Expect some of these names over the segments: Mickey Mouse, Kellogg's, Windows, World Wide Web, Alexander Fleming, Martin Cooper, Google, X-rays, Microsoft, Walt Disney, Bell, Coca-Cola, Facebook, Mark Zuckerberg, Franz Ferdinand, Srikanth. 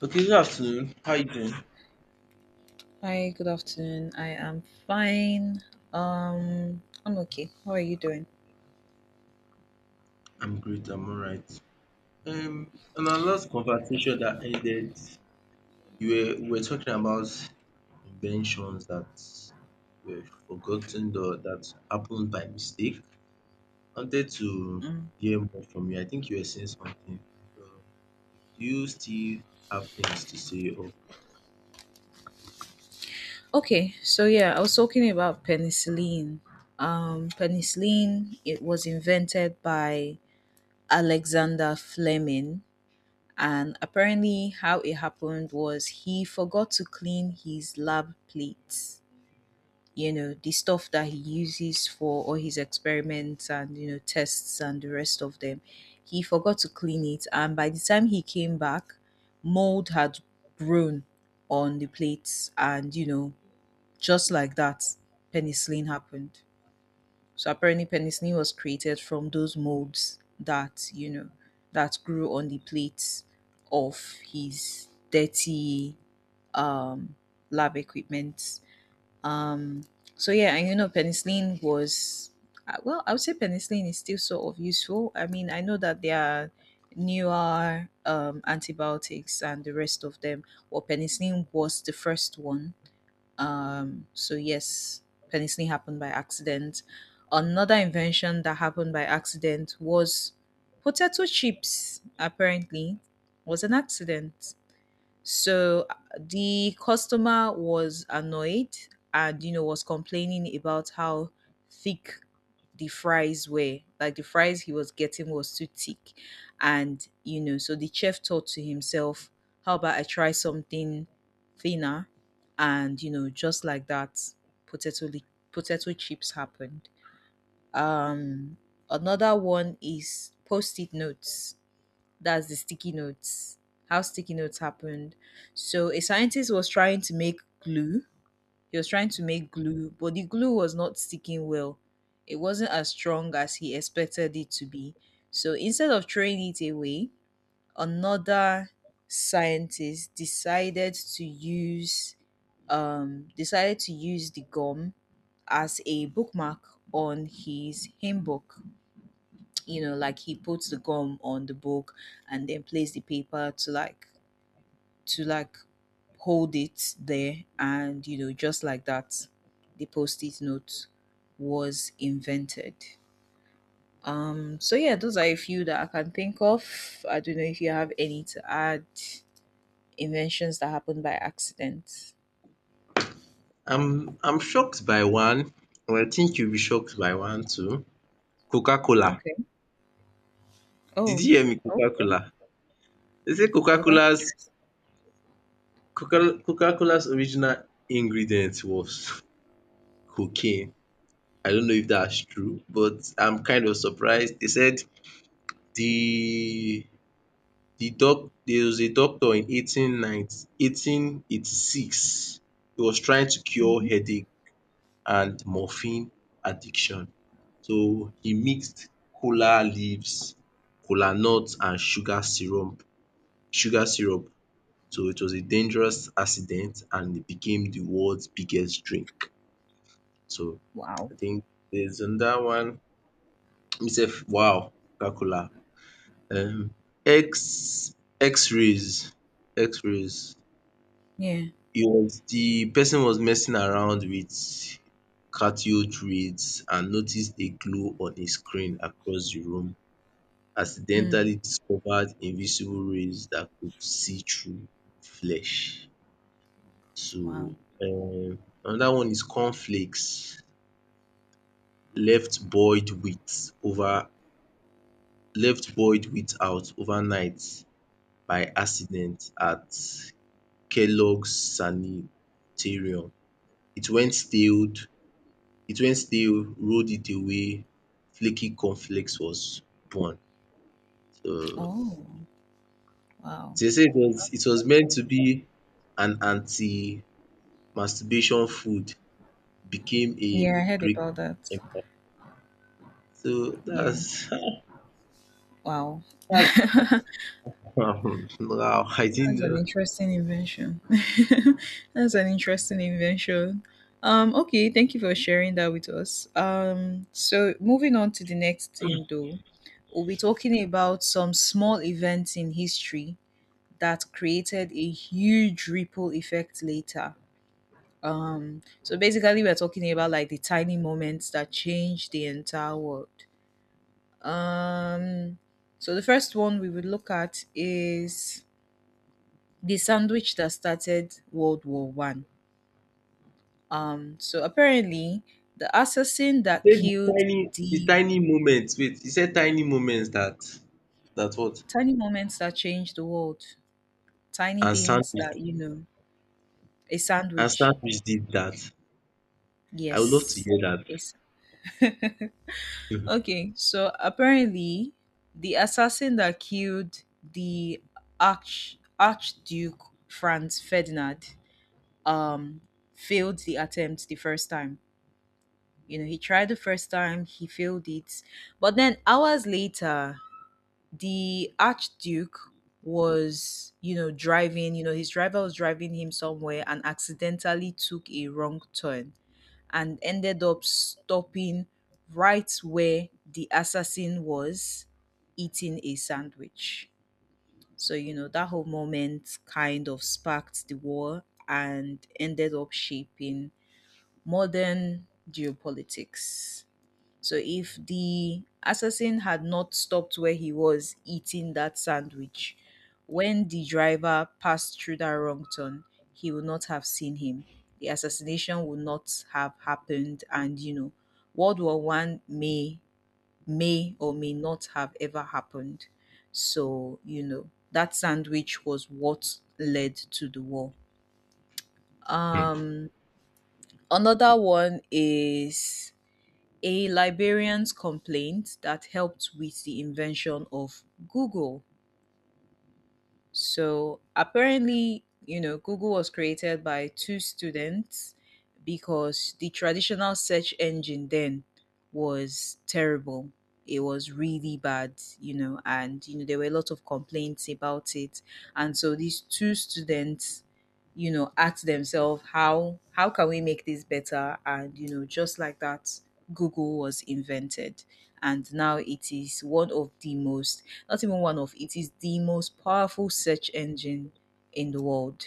Okay, good afternoon. How you doing? Hi, good afternoon. I am fine. I'm okay. How are you doing? I'm great. I'm all right. Um, on our last conversation that ended, you were we were talking about inventions that were forgotten or that happened by mistake. I wanted to Mm. hear more from you. I think you were saying something. So, do you still have things to say? Or Okay, so yeah, I was talking about penicillin. Penicillin, it was invented by Alexander Fleming, and apparently, how it happened was he forgot to clean his lab plates. The stuff that he uses for all his experiments and tests and the rest of them, he forgot to clean it, and by the time he came back, mold had grown on the plates, and just like that, penicillin happened. So apparently penicillin was created from those molds that that grew on the plates of his dirty um lab equipment. um, so yeah, and penicillin was well, I would say penicillin is still sort of useful. I mean, I know that there are newer antibiotics and the rest of them. Well, penicillin was the first one. So yes, penicillin happened by accident. Another invention that happened by accident was potato chips. Apparently, was an accident. So the customer was annoyed and was complaining about how thick the fries were. Like the fries he was getting was too thick. And so the chef thought to himself, how about I try something thinner? And just like that, potato li- potato chips happened. Um Another one is post-it notes, that's the sticky notes. How sticky notes happened. So a scientist was trying to make glue. He was trying to make glue, but the glue was not sticking well. It wasn't as strong as he expected it to be. So instead of throwing it away, another scientist decided to use the gum as a bookmark on his hymn book. Like, he puts the gum on the book and then plays the paper to like hold it there, and just like that, the post-it note was invented. So yeah, those are a few that I can think of. I don't know if you have any to add, inventions that happened by accident. I'm shocked by one. Or I think you'll be shocked by one too. Coca-Cola. Okay. Did Oh, you hear me? okay. Coca-Cola. They say Oh, that's interesting. Coca-Cola's original ingredient was cocaine. I don't know if that's true, but I'm kind of surprised. They said the there was a doctor in 1886. He was trying to cure Mhm. headache and morphine addiction. So he mixed cola leaves, cola nuts, and sugar syrup. So it was a dangerous accident and it became the world's biggest drink. So Wow. I think there's another one. Itself, wow. coca um X X-rays X-rays. Yeah. He was The person was messing around with cathode rays and noticed a glow on his screen across the room, Mm. accidentally discovered invisible rays that could see through flesh. Wow. So um another one is cornflakes left boiled with over left boiled without overnight by accident at Kellogg's sanitarium. It went stale, it went stale, rolled it away, flaky cornflakes was born. So Oh, wow. they say it That's was that's meant to amazing. be an anti-masturbation food, became a Yeah, I heard Greek about that. empire. So Yeah. that's Wow. that's wow, I didn't That's an know. interesting invention. That's an interesting invention. Okay, thank you for sharing that with us. So moving on to the next thing though, we'll be talking about some small events in history that created a huge ripple effect later. So basically, we're talking about like the tiny moments that changed the entire world. Um, so the first one we would look at is the sandwich that started World War One. So apparently, the assassin that You killed the the tiny moments. Wait, you said tiny moments that what? tiny moments that changed the world, tiny And things sandwich that a and sandwich. sandwich did that. I would love to Yes, hear yes. that. Okay, so apparently, the assassin that killed the Archduke Franz Ferdinand um failed the attempt the first time. You know, he tried the first time, he failed it. But then hours later, the Archduke was, you know, driving, you know, his driver was driving him somewhere and accidentally took a wrong turn and ended up stopping right where the assassin was eating a sandwich. So, you know, that whole moment kind of sparked the war and ended up shaping modern geopolitics. So if the assassin had not stopped where he was eating that sandwich, when the driver passed through that wrong turn, he would not have seen him. The assassination would not have happened, and you know, World War One may or may not have ever happened. So you know that sandwich was what led to the war. Um, Another one is a Liberian's complaint that helped with the invention of Google. So apparently, you know, Google was created by two students because the traditional search engine then was terrible. It was really bad, you know, and there were a lot of complaints about it. And so these two students asked themselves, how can we make this better, and just like that, Google was invented, and now it is one of the most, not even one of, it is the most powerful search engine in the world.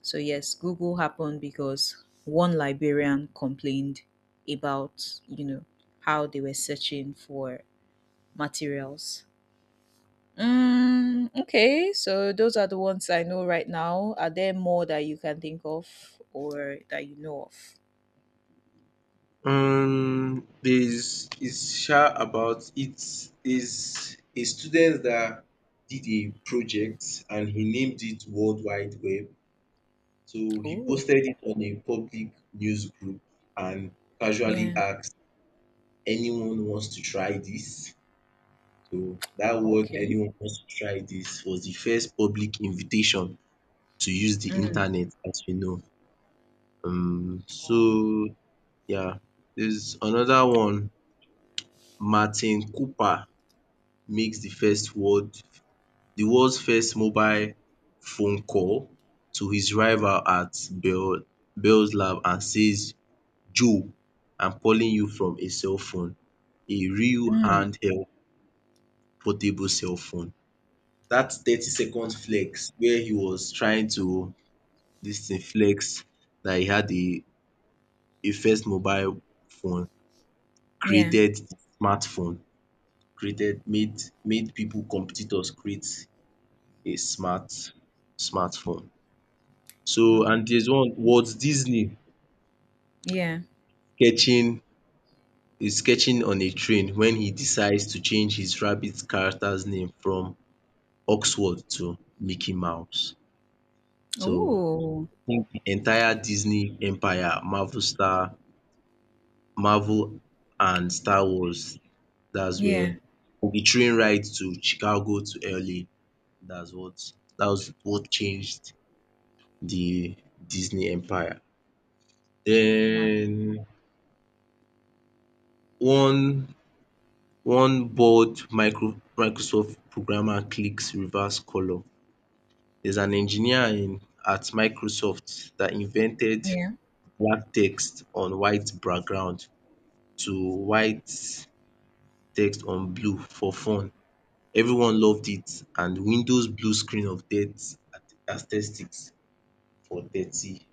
So yes, Google happened because one librarian complained about, you know, how they were searching for materials. Mm, okay, so those are the ones I know right now. Are there more that you can think of or that you know of? There's is sha about it's a student that did a project and he named it World Wide Web. So he Oh, posted it on a public news group and casually yeah. asked anyone wants to try this. So that word Okay. anyone wants to try this was the first public invitation to use the Mm. internet as we know. Wow. So yeah, there's another one. Martin Cooper makes the world's first mobile phone call to his rival at Bell's lab and says, "Joe, I'm calling you from a cell phone." A real Mm, handheld portable cell phone. That 30-second flex where he was trying to this thing flex that he had a first mobile phone, yeah. created smartphone, created made made people competitors create a smartphone. So Wow. and there's one Walt Disney Yeah. sketching is sketching on a train when he decides to change his rabbit character's name from Oxford to Mickey Mouse. So Oh, the entire Disney empire, Marvel and Star Wars. That's yeah. where the train ride to Chicago to LA. That's what that was what changed the Disney empire. Wow. Then one one bored Microsoft programmer clicks reverse color. There's an engineer in at Microsoft that invented Yeah. black text on white background to white text on blue for fun. Everyone loved it and Windows blew screen of death aesthetics for thirty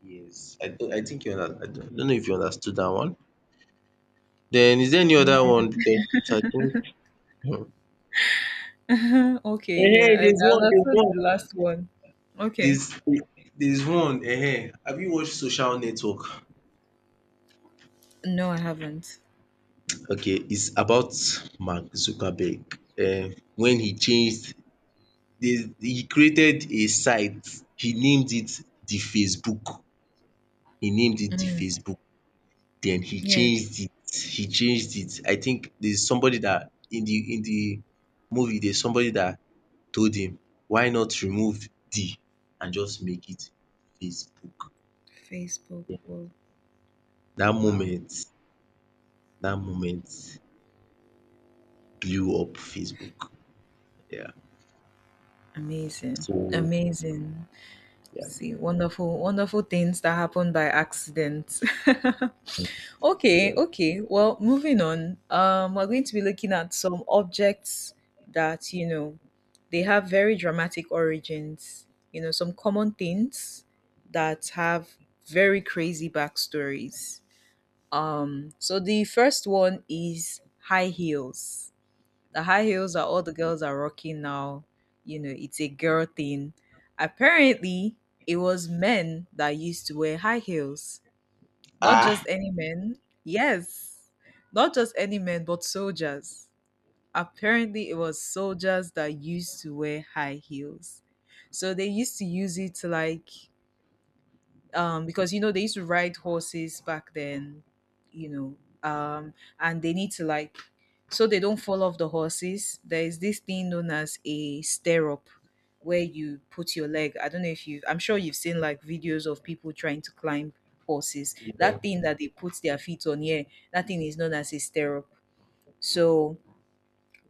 years. I don't, I think you under I don't know if you understood dat one. Den is there any other Yeah. one because I think um Okay. Yeah. I understood the last one. Okay. there's there's one have you watched Social Network? No, I haven't. Okay, it's about Mark Zuckerberg when he created a site he named it the Facebook. He named it the Mm. Facebook. Then Yeah. He changed it. I think there's somebody that in the movie there's somebody that told him why not remove D and just make it Facebook. Facebook. Yeah. Wow. That Wow. moment that moment blew up Facebook. Yeah. Amazing. So, Amazing. yeah. See, wonderful, wonderful things that happen by accident. Okay, okay. Well, moving on. We're going to be looking at some objects that, you know, they have very dramatic origins. You know, some common things that have very crazy backstories. So the first one is high heels. The high heels are all the girls are rocking now. You know, it's a girl thing. Apparently, it was men that used to wear high heels, not just Ah! any men. Yes. Not just any men, but soldiers. Apparently, it was soldiers that used to wear high heels. So they used to use it to like because you know they used to ride horses back then, you know um and they need to like, so they don't fall off the horses. There is this thing known as a stirrup where you put your leg. I don't know if you, I'm sure you've seen like videos of people trying to climb horses, Yeah. that thing that they put their feet on, yeah, that thing is known as a stirrup. So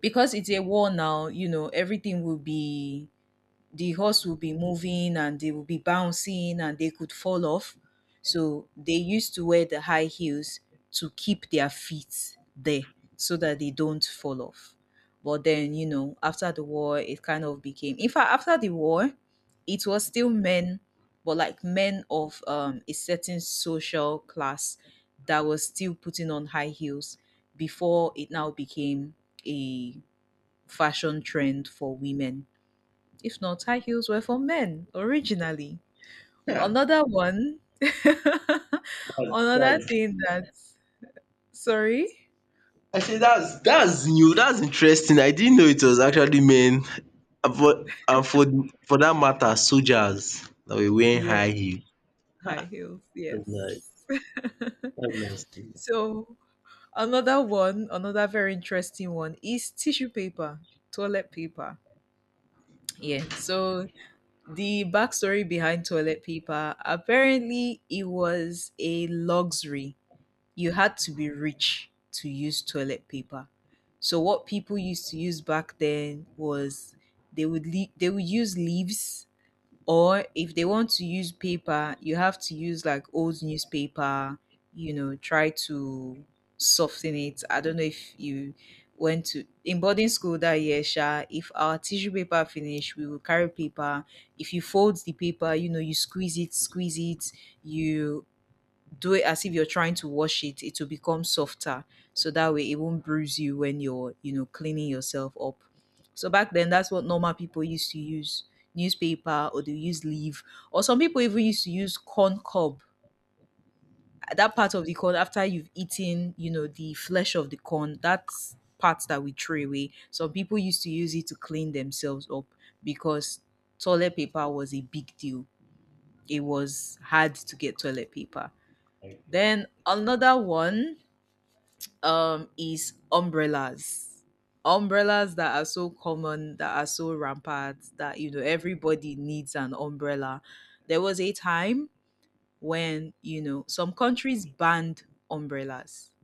because it's a war now, you know, everything will be, the horse will be moving and they will be bouncing and they could fall off. So they used to wear the high heels to keep their feet there so that they don't fall off. But then, you know, after the war, it kind of became, in fact, after the war, it was still men, but like men of a certain social class that was still putting on high heels before it now became a fashion trend for women. If not, high heels were for men originally. Yeah. Another one, another thing that, sorry? Actually that's new, that's interesting. I didn't know it was actually men and for that matter soldiers that were wearing Yeah, high heel. high Ah! heels, That's nice. yes. That's nice to So another one, another very interesting one is tissue paper, toilet paper. Yeah. So the backstory behind toilet paper, apparently it was a luxury. You had to be rich to use toilet paper. So what people used to use back then was, they would they would use leaves, or if they want to use paper, you have to use like old newspaper, you know, try to soften it. I don't know if you went to, in boarding school that year, Sha, if our tissue paper finished, we will carry paper. If you fold the paper, you know, you squeeze it, you do it as if you're trying to wash it. It will become softer, so that way it won't bruise you when you're, you know, cleaning yourself up. So back then, that's what normal people used to use. Newspaper, or they use leaf. Or some people even used to use corn cob. That part of the corn after you've eaten, you know, the flesh of the corn, that's part that we throw away. Some people used to use it to clean themselves up, because toilet paper was a big deal. It was hard to get toilet paper. Then another one is umbrellas. Umbrellas that are so common, that are so rampant, that you know everybody needs an umbrella. There was a time when, you know, some countries banned umbrellas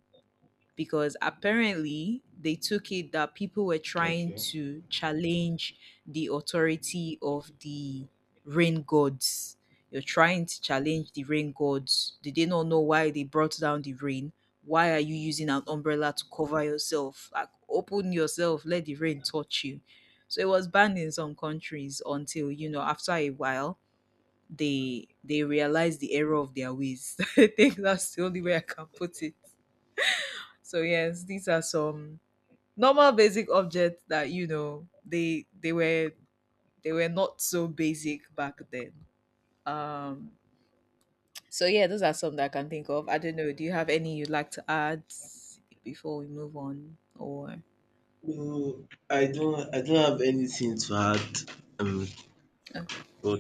because apparently they took it that people were trying Okay. to challenge the authority of the rain gods. You're trying to challenge the rain gods. Did they not know why they brought down the rain? Why are you using an umbrella to cover yourself? Like, open yourself, let the rain touch you. So it was banned in some countries until, you know, after a while, they realized the error of their ways. I think that's the only way I can put it. So yes, these are some normal basic objects that you know they were, they were not so basic back then. Um so yeah, those are some that I can think of. I don't know, do you have any you'd like to add before we move on or No, I don't have anything to add. Um, okay. but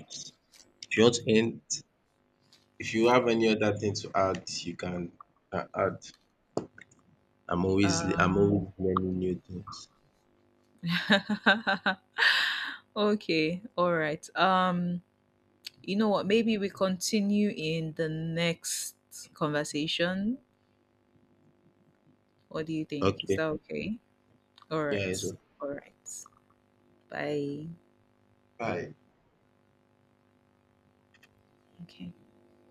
if you want to end, if you have any other thing to add, you can add. I'm Um always learning new things. Okay, all right. You know what, maybe we continue in the next conversation. What do you think? Is Okay. that okay? All Yeah, it's right. okay. All right. Bye. Bye. Okay.